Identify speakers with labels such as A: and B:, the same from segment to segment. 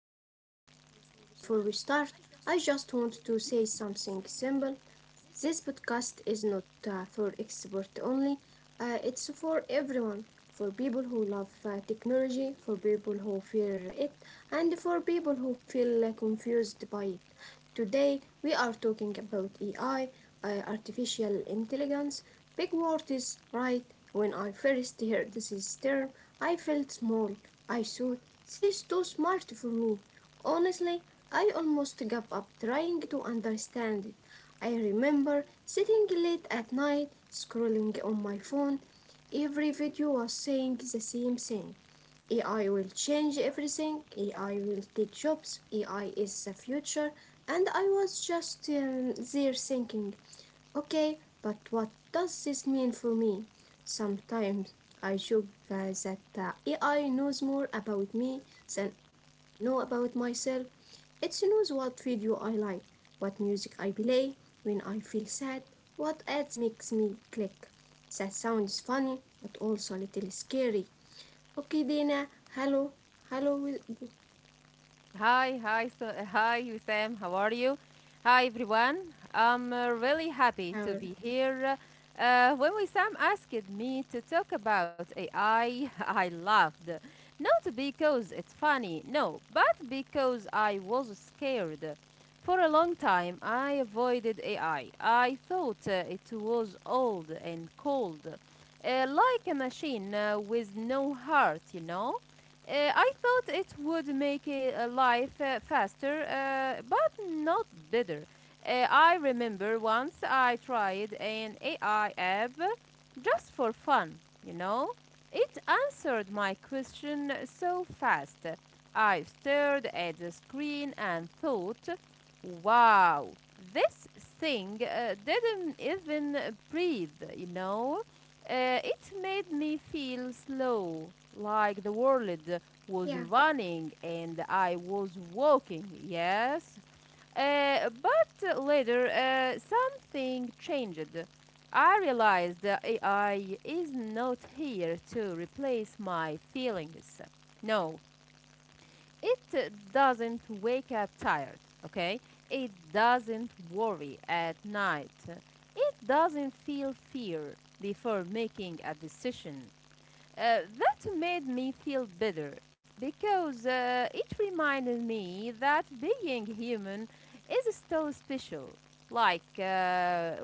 A: today. Before we start, I just want to say something simple. This podcast is not for experts only. It's for everyone, for people who love technology, for people who fear it, and for people who feel confused by it. Today, we are talking about AI, artificial intelligence. Pegwart is right. When I first heard this term, I felt small. I thought, this is too smart for me. Honestly, I almost gave up trying to understand it. I remember sitting late at night, scrolling on my phone. Every video was saying the same thing. AI will change everything. AI will take jobs. AI is the future. And I was just there thinking, okay, but what does this mean for me? Sometimes I joke, guys, that AI knows more about me than I know about myself. It knows what video I like, what music I play, when I feel sad, what ads makes me click. That sounds funny, but also a little scary. Okay, Dana, hello, hello,
B: Hi, hi, so, hi, Wissam. How are you? Hi, everyone. I'm really happy
A: how
B: to
A: are-
B: be here. When Wissam asked me to talk about AI, I I laughed. Not because it's funny, no, but because I was scared. For a long time, I avoided AI. I thought it was old and cold, like a machine with no heart, you know? I thought it would make life faster, but not better. I remember once I tried an AI app just for fun, you know. It answered my question so fast. I stared at the screen and thought, wow, this thing didn't even breathe. It made me feel slow, like the world was
A: yeah.
B: running and I was walking, yes. But later, something changed. I realized that AI is not here to replace my feelings. No, it doesn't wake up tired, okay? It doesn't worry at night. It doesn't feel fear before making a decision. That made me feel better because it reminded me that being human is still special. Like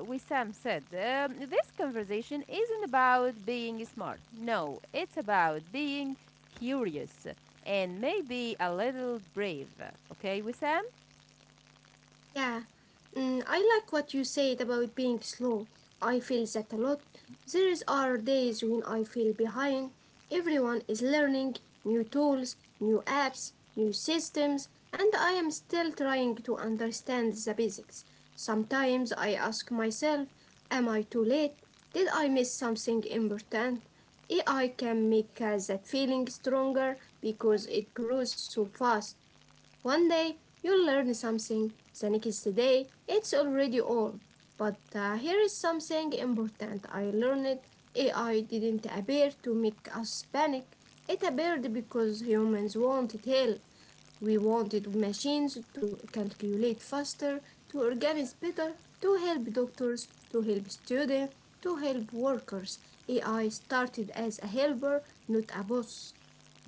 B: Wissam said, this conversation isn't about being smart. No, it's about being curious and maybe a little brave. Okay, Wissam?
A: Yeah, I like what you said about being slow. I feel that a lot. There are days when I feel behind. Everyone is learning new tools, new apps, new systems, and I am still trying to understand the basics. Sometimes I ask myself, am I too late? Did I miss something important? AI can make that feeling stronger because it grows so fast. One day you learn something, the next day it's already old. But here is something important I learned. AI didn't appear to make us panic. It appeared because humans wanted help. We wanted machines to calculate faster, to organize better, to help doctors, to help students, to help workers. AI started as a helper, not a boss.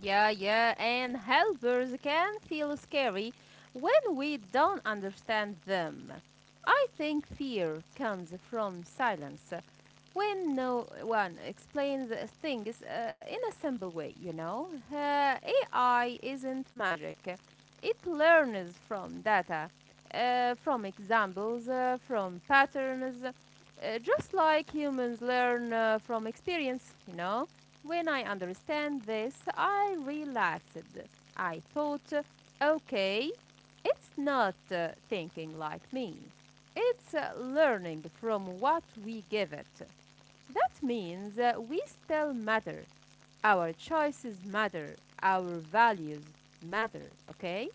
B: Yeah, yeah, and helpers can feel scary when we don't understand them. I think fear comes from silence, when no one explains things in a simple way. AI isn't magic, it learns from data, from examples, from patterns, just like humans learn from experience. When I understand this, I relaxed. I thought, okay, it's not thinking like me. It's learning from what we give it. That means we still matter. Our choices matter. Our values matter, okay?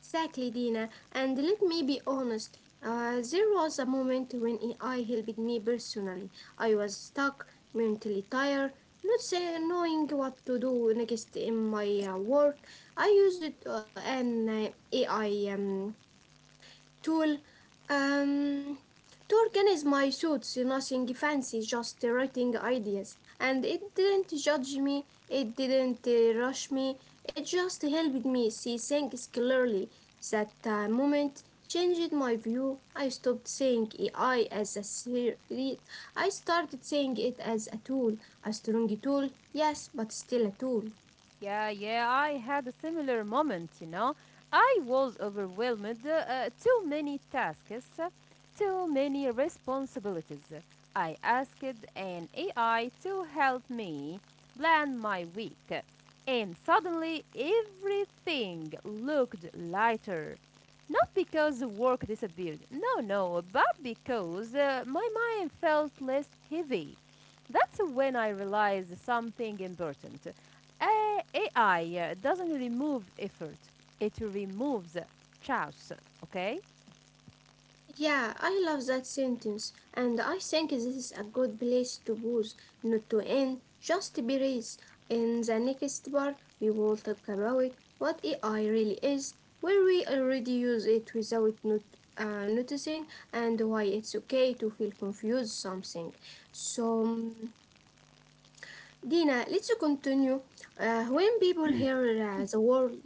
A: Exactly, Dina. And let me be honest, there was a moment when AI helped me personally. I was stuck, mentally tired, not say, knowing what to do next in my work. I used it, an AI tool um, to organize my thoughts, nothing fancy, just writing ideas. And it didn't judge me, it didn't rush me, it just helped me see things clearly. That moment changed my view. I stopped saying AI as a threat, I started saying it as a tool, a strong tool, yes, but still a tool.
B: Yeah, yeah, I had a similar moment, you know. I was overwhelmed, too many tasks, too many responsibilities. I asked an AI to help me plan my week, and suddenly everything looked lighter. Not because the work disappeared, no, no, but because my mind felt less heavy. That's when I realized something important. AI doesn't remove effort, it removes chaos, okay?
A: Yeah, I love that sentence, and I think this is a good place to pause, not to end, just to be raised. In the next part, we will talk about what AI really is, where we already use it without not, noticing, and why it's okay to feel confused something. So, Dina, let's continue. When people hear the word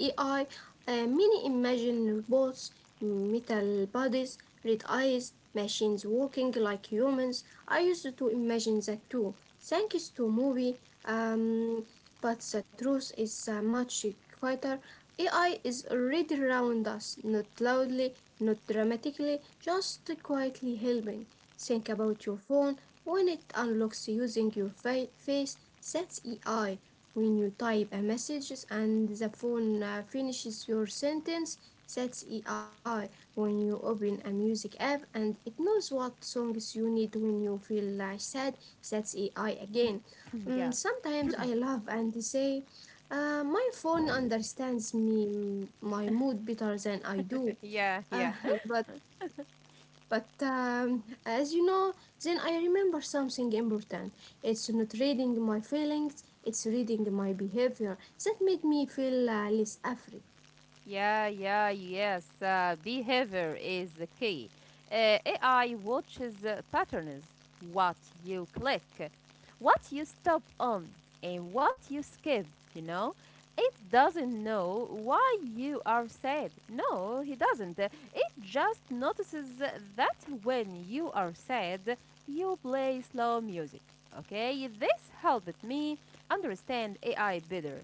A: AI, many imagine robots, metal bodies, red eyes, machines walking like humans. I used to imagine that too, thanks to movie. Um, but the truth is much quieter. AI is already around us, not loudly, not dramatically, just quietly helping. Think about your phone when it unlocks using your face, that's AI. When you type a message and the phone finishes your sentence, that's AI. When you open a music app and it knows what songs you need when you feel sad, that's AI again.
B: yeah.
A: Sometimes I laugh and say, my phone understands me, my mood better than I do.
B: Yeah,
A: Uh,
B: yeah.
A: but but, as you know, then I remember something important. It's not reading my feelings, it's reading my behavior. That made me feel less afraid.
B: Yeah, yeah, yes. Behavior is the key. AI watches patterns, what you click, what you stop on, and what you skip, you know? It doesn't know why you are sad. No, he doesn't. It just notices that when you are sad, you play slow music. Okay, this helped me understand AI better.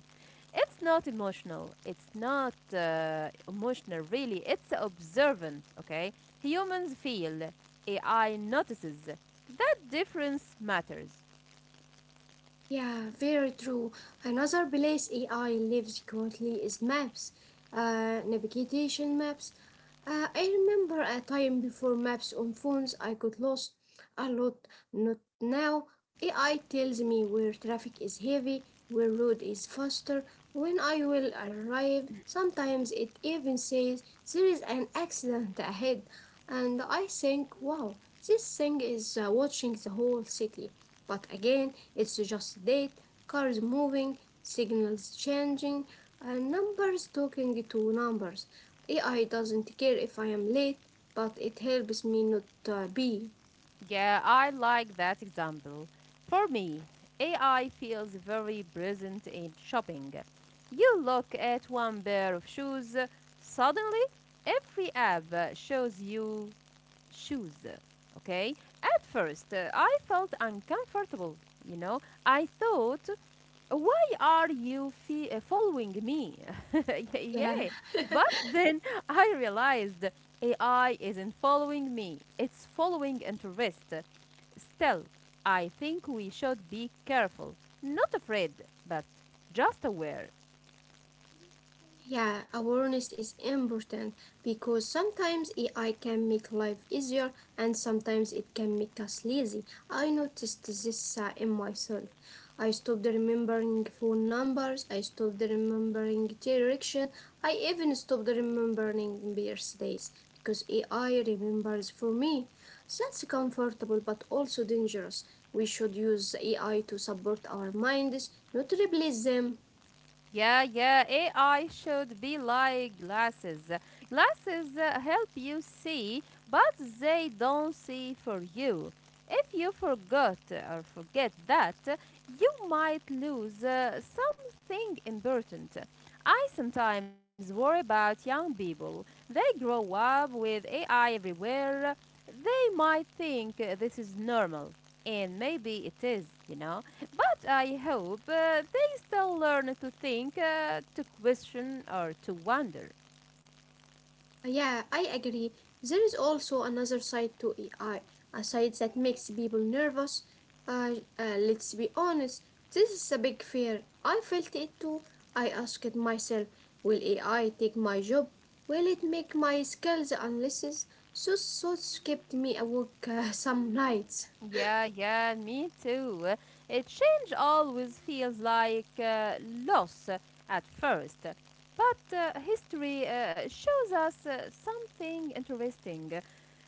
B: It's not emotional. It's not emotional, really. It's observant, okay? Humans feel, AI notices. That difference matters.
A: Yeah, very true. Another place AI lives currently is maps, navigation maps. I remember a time before maps on phones, I got lost a lot. Not now. AI tells me where traffic is heavy, where road is faster, when I will arrive. Sometimes it even says there is an accident ahead. And I think, wow, this thing is watching the whole city. But again, it's just date, cars moving, signals changing, and numbers talking to numbers. AI doesn't care if I am late, but it helps me not be.
B: Yeah, I like that example. For me, AI feels very present in shopping. You look at one pair of shoes, suddenly, every app shows you shoes. Okay? At first, I felt uncomfortable. You know, I thought, why are following me? yeah.
A: Yeah.
B: But then I realized AI isn't following me, it's following interest. Still, I think we should be careful, not afraid, but just aware.
A: Yeah, awareness is important because sometimes AI can make life easier and sometimes it can make us lazy. I noticed this in myself. I stopped remembering phone numbers, I stopped remembering direction, I even stopped remembering birthdays because AI remembers for me. That's comfortable but also dangerous. We should use AI to support our minds, not replace them.
B: Yeah, yeah. AI should be like glasses. Glasses help you see, but they don't see for you. If you forgot or forget that, you might lose something important. I sometimes worry about young people. They grow up with AI everywhere. They might think this is normal, and maybe it is, you know. But I hope still learn to think, to question, or to wonder.
A: Yeah, I agree. There is also another side to AI, a side that makes people nervous. Let's be honest, this is a big fear. I felt it too. I asked myself, will AI take my job? Will it make my skills unless so kept me awake some nights?
B: Yeah, yeah, me too. A change always feels like loss at first, but history shows us something interesting.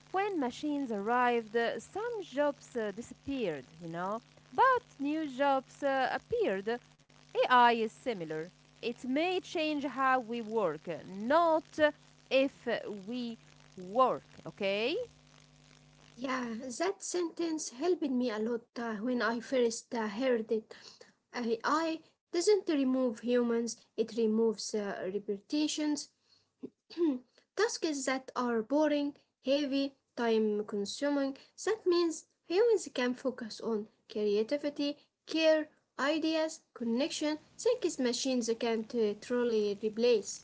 B: When machines arrived, some jobs disappeared, you know, but new jobs appeared. AI is similar. It may change how we work, not if we work, okay?
A: Yeah, that sentence helped me a lot when I first heard it. AI doesn't remove humans, it removes repetitions, tasks that are boring, heavy, time consuming. That means humans can focus on creativity, care, ideas, connection, things machines can't truly replace.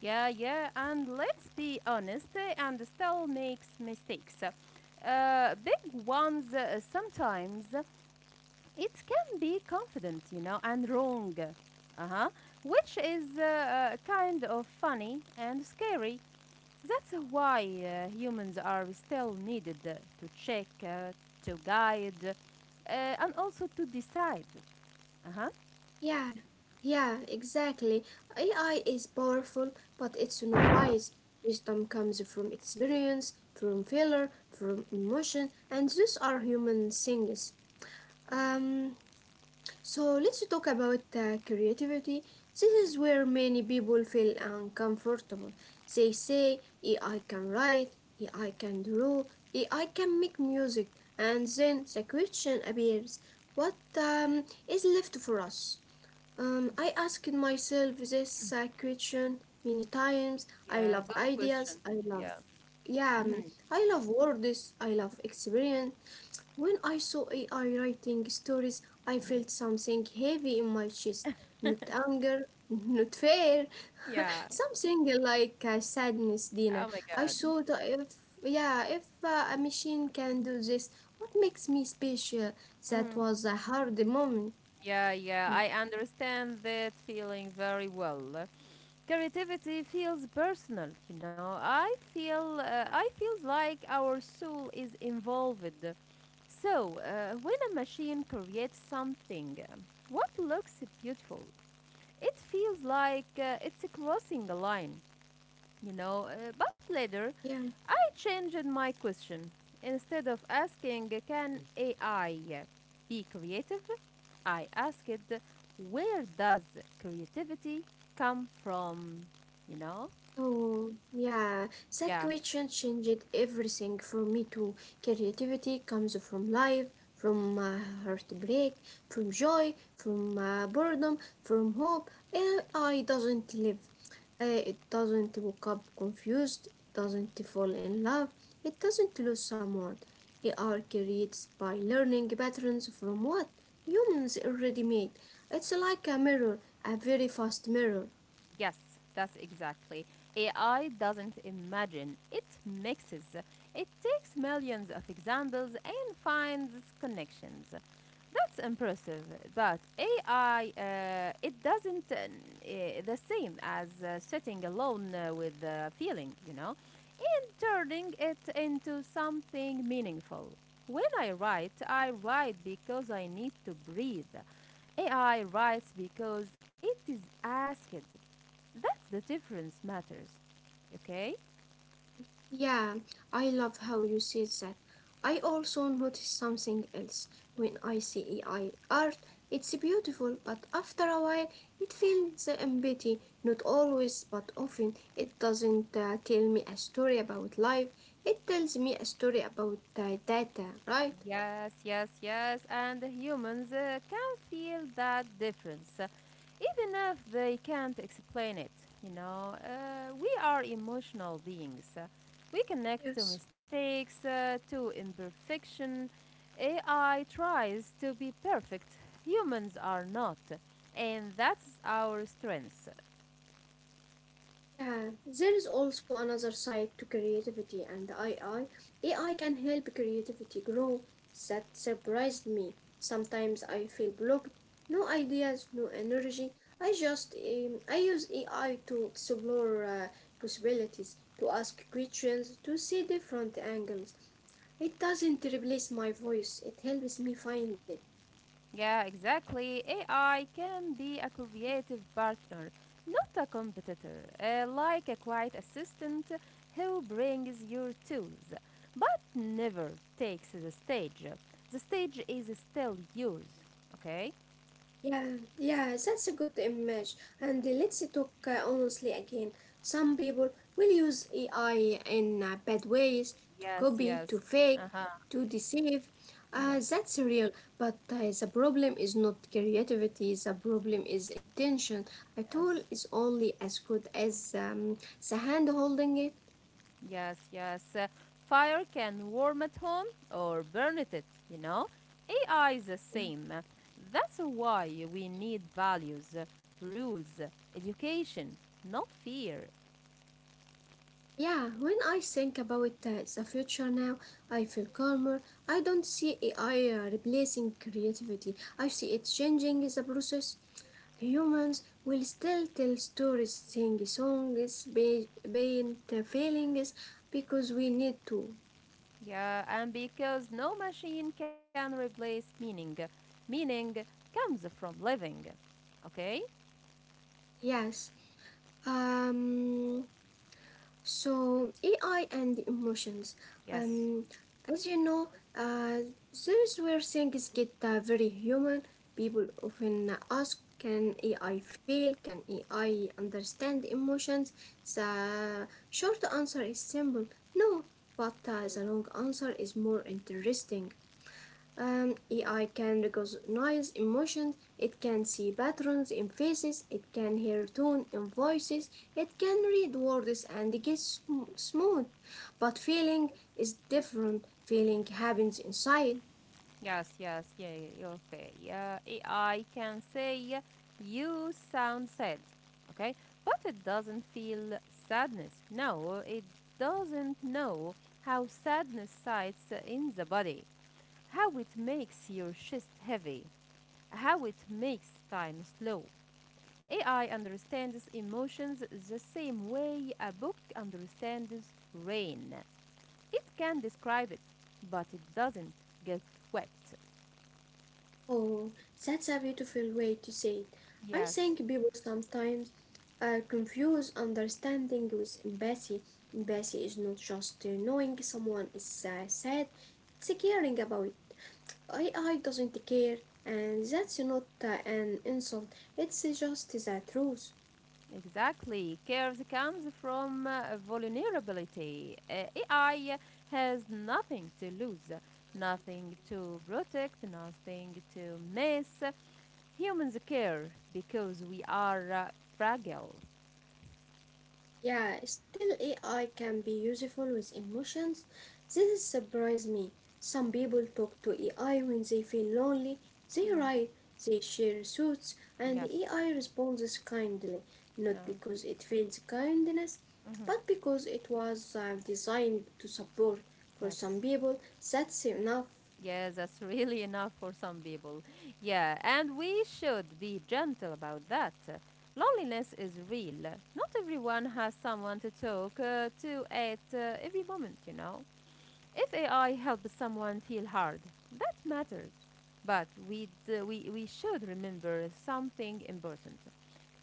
B: Yeah, yeah, and let's be honest, and still makes mistakes. Big ones sometimes. It can be confident, you know, and wrong. Uh-huh. Which is kind of funny and scary. That's why humans are still needed to check, to guide, and also to decide. Uh-huh.
A: Yeah, yeah, exactly. AI is powerful, but it's not wise. Wisdom comes from experience, from failure, from emotion, and these are human things. Um, so, let's talk about creativity. This is where many people feel uncomfortable. They say AI can write, AI can draw, AI can make music, and then the question appears: what is left for us? I asked myself this question many times. I
B: Yeah,
A: love
B: good question.
A: ideas. I love,
B: Yeah.
A: yeah,
B: Mhm.
A: I love words. I love experience. When I saw AI writing stories, I felt something heavy in my chest. Not anger, not fear,
B: Yeah.
A: something like sadness, Dina.
B: Oh my
A: I
B: God.
A: thought if, yeah, if a machine can do this, what makes me special? That
B: Mm.
A: was a hard moment.
B: Yeah, yeah, I understand that feeling very well. Creativity feels personal, you know. I feel uh, i feels like our soul is involved, so when a machine creates something what looks beautiful, it feels like it's crossing a line, you know. But later
A: Yeah.
B: I changed my question. Instead of asking, can AI be creative, I asked, where does creativity come from, you know?
A: Oh, yeah, that
B: Yeah,
A: question changed everything for me too. Creativity comes from life, from heartbreak, from joy, from boredom, from hope. AI doesn't live. It doesn't wake up confused. It doesn't fall in love. It doesn't lose someone. AI creates by learning patterns from what humans already made. It's like a mirror, a very fast mirror.
B: yes, that's exactly. AI doesn't imagine, it mixes. It takes millions of examples and finds connections. That's impressive, but AI, it doesn't the same as sitting alone with feeling, you know, and turning it into something meaningful. When I write because I need to breathe. AI writes because it is asked. That's the difference matters. Okay?
A: Yeah, I love how you said that. I also noticed something else when I see AI art. It's beautiful, but after a while, it feels empty. Not always, but often. It doesn't tell me a story about life. It tells me a story about data, right?
B: Yes, yes, yes. And humans can feel that difference, even if they can't explain it. You know, we are emotional beings. We connect to
A: Yes.
B: mistakes, to imperfection. AI tries to be perfect. Humans are not. And that's our strength.
A: Yeah, there is also another side to creativity and AI. AI can help creativity grow. That surprised me. Sometimes I feel blocked, no ideas, no energy. I just I use AI to explore possibilities, to ask questions, to see different angles. It doesn't replace my voice. It helps me find it.
B: Yeah, exactly. AI can be a creative partner, not a competitor, like a quiet assistant who brings your tools, but never takes the stage. The stage is still yours, okay?
A: Yeah, yeah, that's a good image. And let's talk honestly again. Some people will use AI in bad ways to
B: Yes,
A: copy, to
B: yes.
A: fake,
B: Uh huh.
A: to deceive.
B: Yes,
A: That's real. But the problem is not creativity, the problem is intention. A tool
B: yes.
A: is only as good as the hand holding it.
B: Yes, yes. Fire can warm at home or burn it, you know? AI is the same. That's why we need values, rules, education, not fear.
A: Yeah, when I think about the future now, I feel calmer. I don't see AI replacing creativity. I see it changing the process. Humans will still tell stories, sing songs, paint feelings because we need to.
B: Yeah, and because no machine can replace meaning. Meaning comes from living. Okay?
A: Yes. Um So, AI and emotions.
B: Yes.
A: Um, as you know, uh, there's where things get very human. People often ask, can AI feel? Can AI understand emotions? The short answer is simple, no, but the long answer is more interesting. AI can recognize emotions, it can see patterns in faces, it can hear tone in voices, it can read words and guess smooth. But feeling is different. Feeling happens inside.
B: Yes, yes, yeah, yeah, yeah, okay. Yeah, AI can say you sound sad, okay? But it doesn't feel sadness. No, it doesn't know how sadness sides in the body, how it makes your chest heavy, how it makes time slow. AI understands emotions the same way a book understands rain. It can describe it, but it doesn't get wet.
A: Oh, that's a beautiful way to say it. I
B: Yes,
A: think people sometimes confuse understanding with empathy. Empathy is not just knowing someone is sad, it's caring about. AI doesn't care, and that's not an insult, it's just the truth.
B: exactly. Cares comes from vulnerability. AI has nothing to lose, nothing to protect, nothing to miss. Humans care because we are fragile.
A: Yeah, still AI can be useful with emotions. This surprised me. Some people talk to AI when they feel lonely, they
B: Mm,
A: write, they share thoughts, and
B: yes.
A: AI responds kindly,
B: Uh,
A: not because it feels kindness,
B: mhm.
A: but because it was designed to support. For
B: Yes.
A: some people, that's enough.
B: Yes, that's really enough for some people. Yeah, and we should be gentle about that. Loneliness is real. Not everyone has someone to talk to at every moment, you know. If AI helps someone feel hard, that matters. But we should remember something important.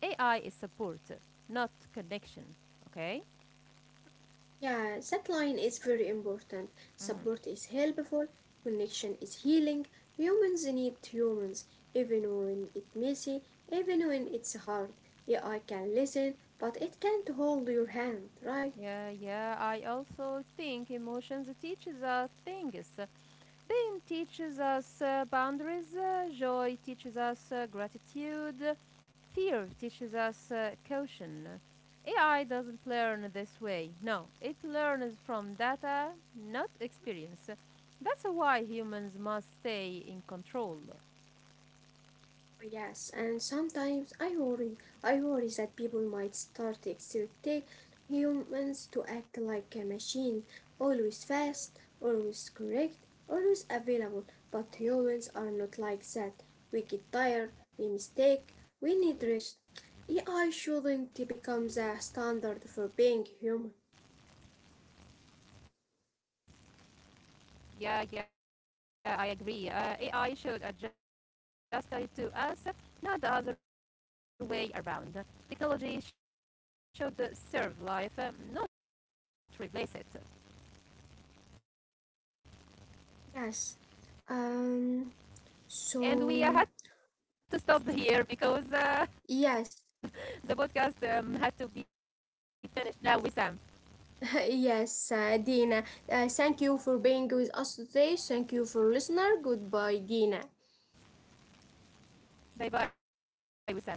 B: AI is support, not connection. Okay?
A: Yeah, that line is very important. Support is helpful, connection is healing. Humans need humans, even when it's messy, even when it's hard. AI can listen, but it can't hold your hand, right?
B: Yeah, yeah. I also think emotions teaches us things. Pain teaches us boundaries, joy teaches us gratitude, fear teaches us caution. AI doesn't learn this way. No, it learns from data, not experience. That's why humans must stay in control.
A: Yes, and sometimes I worry. I worry that people might start expecting humans to act like a machine, always fast, always correct, always available. But humans are not like that. We get tired, we mistake, we need rest. AI shouldn't become the standard for being human.
B: Yeah, yeah, I agree. AI should adjust it to us, not the other way around. Technology should serve life, um, not replace it.
A: Yes. Um.
B: And we
A: So,
B: had to stop here because
A: yes.
B: the podcast had to be finished now with Sam.
A: Yes, Dina. Thank you for being with us today. Thank you for listener. Goodbye, Dina.
B: Bye bye, with Sam. Bye bye.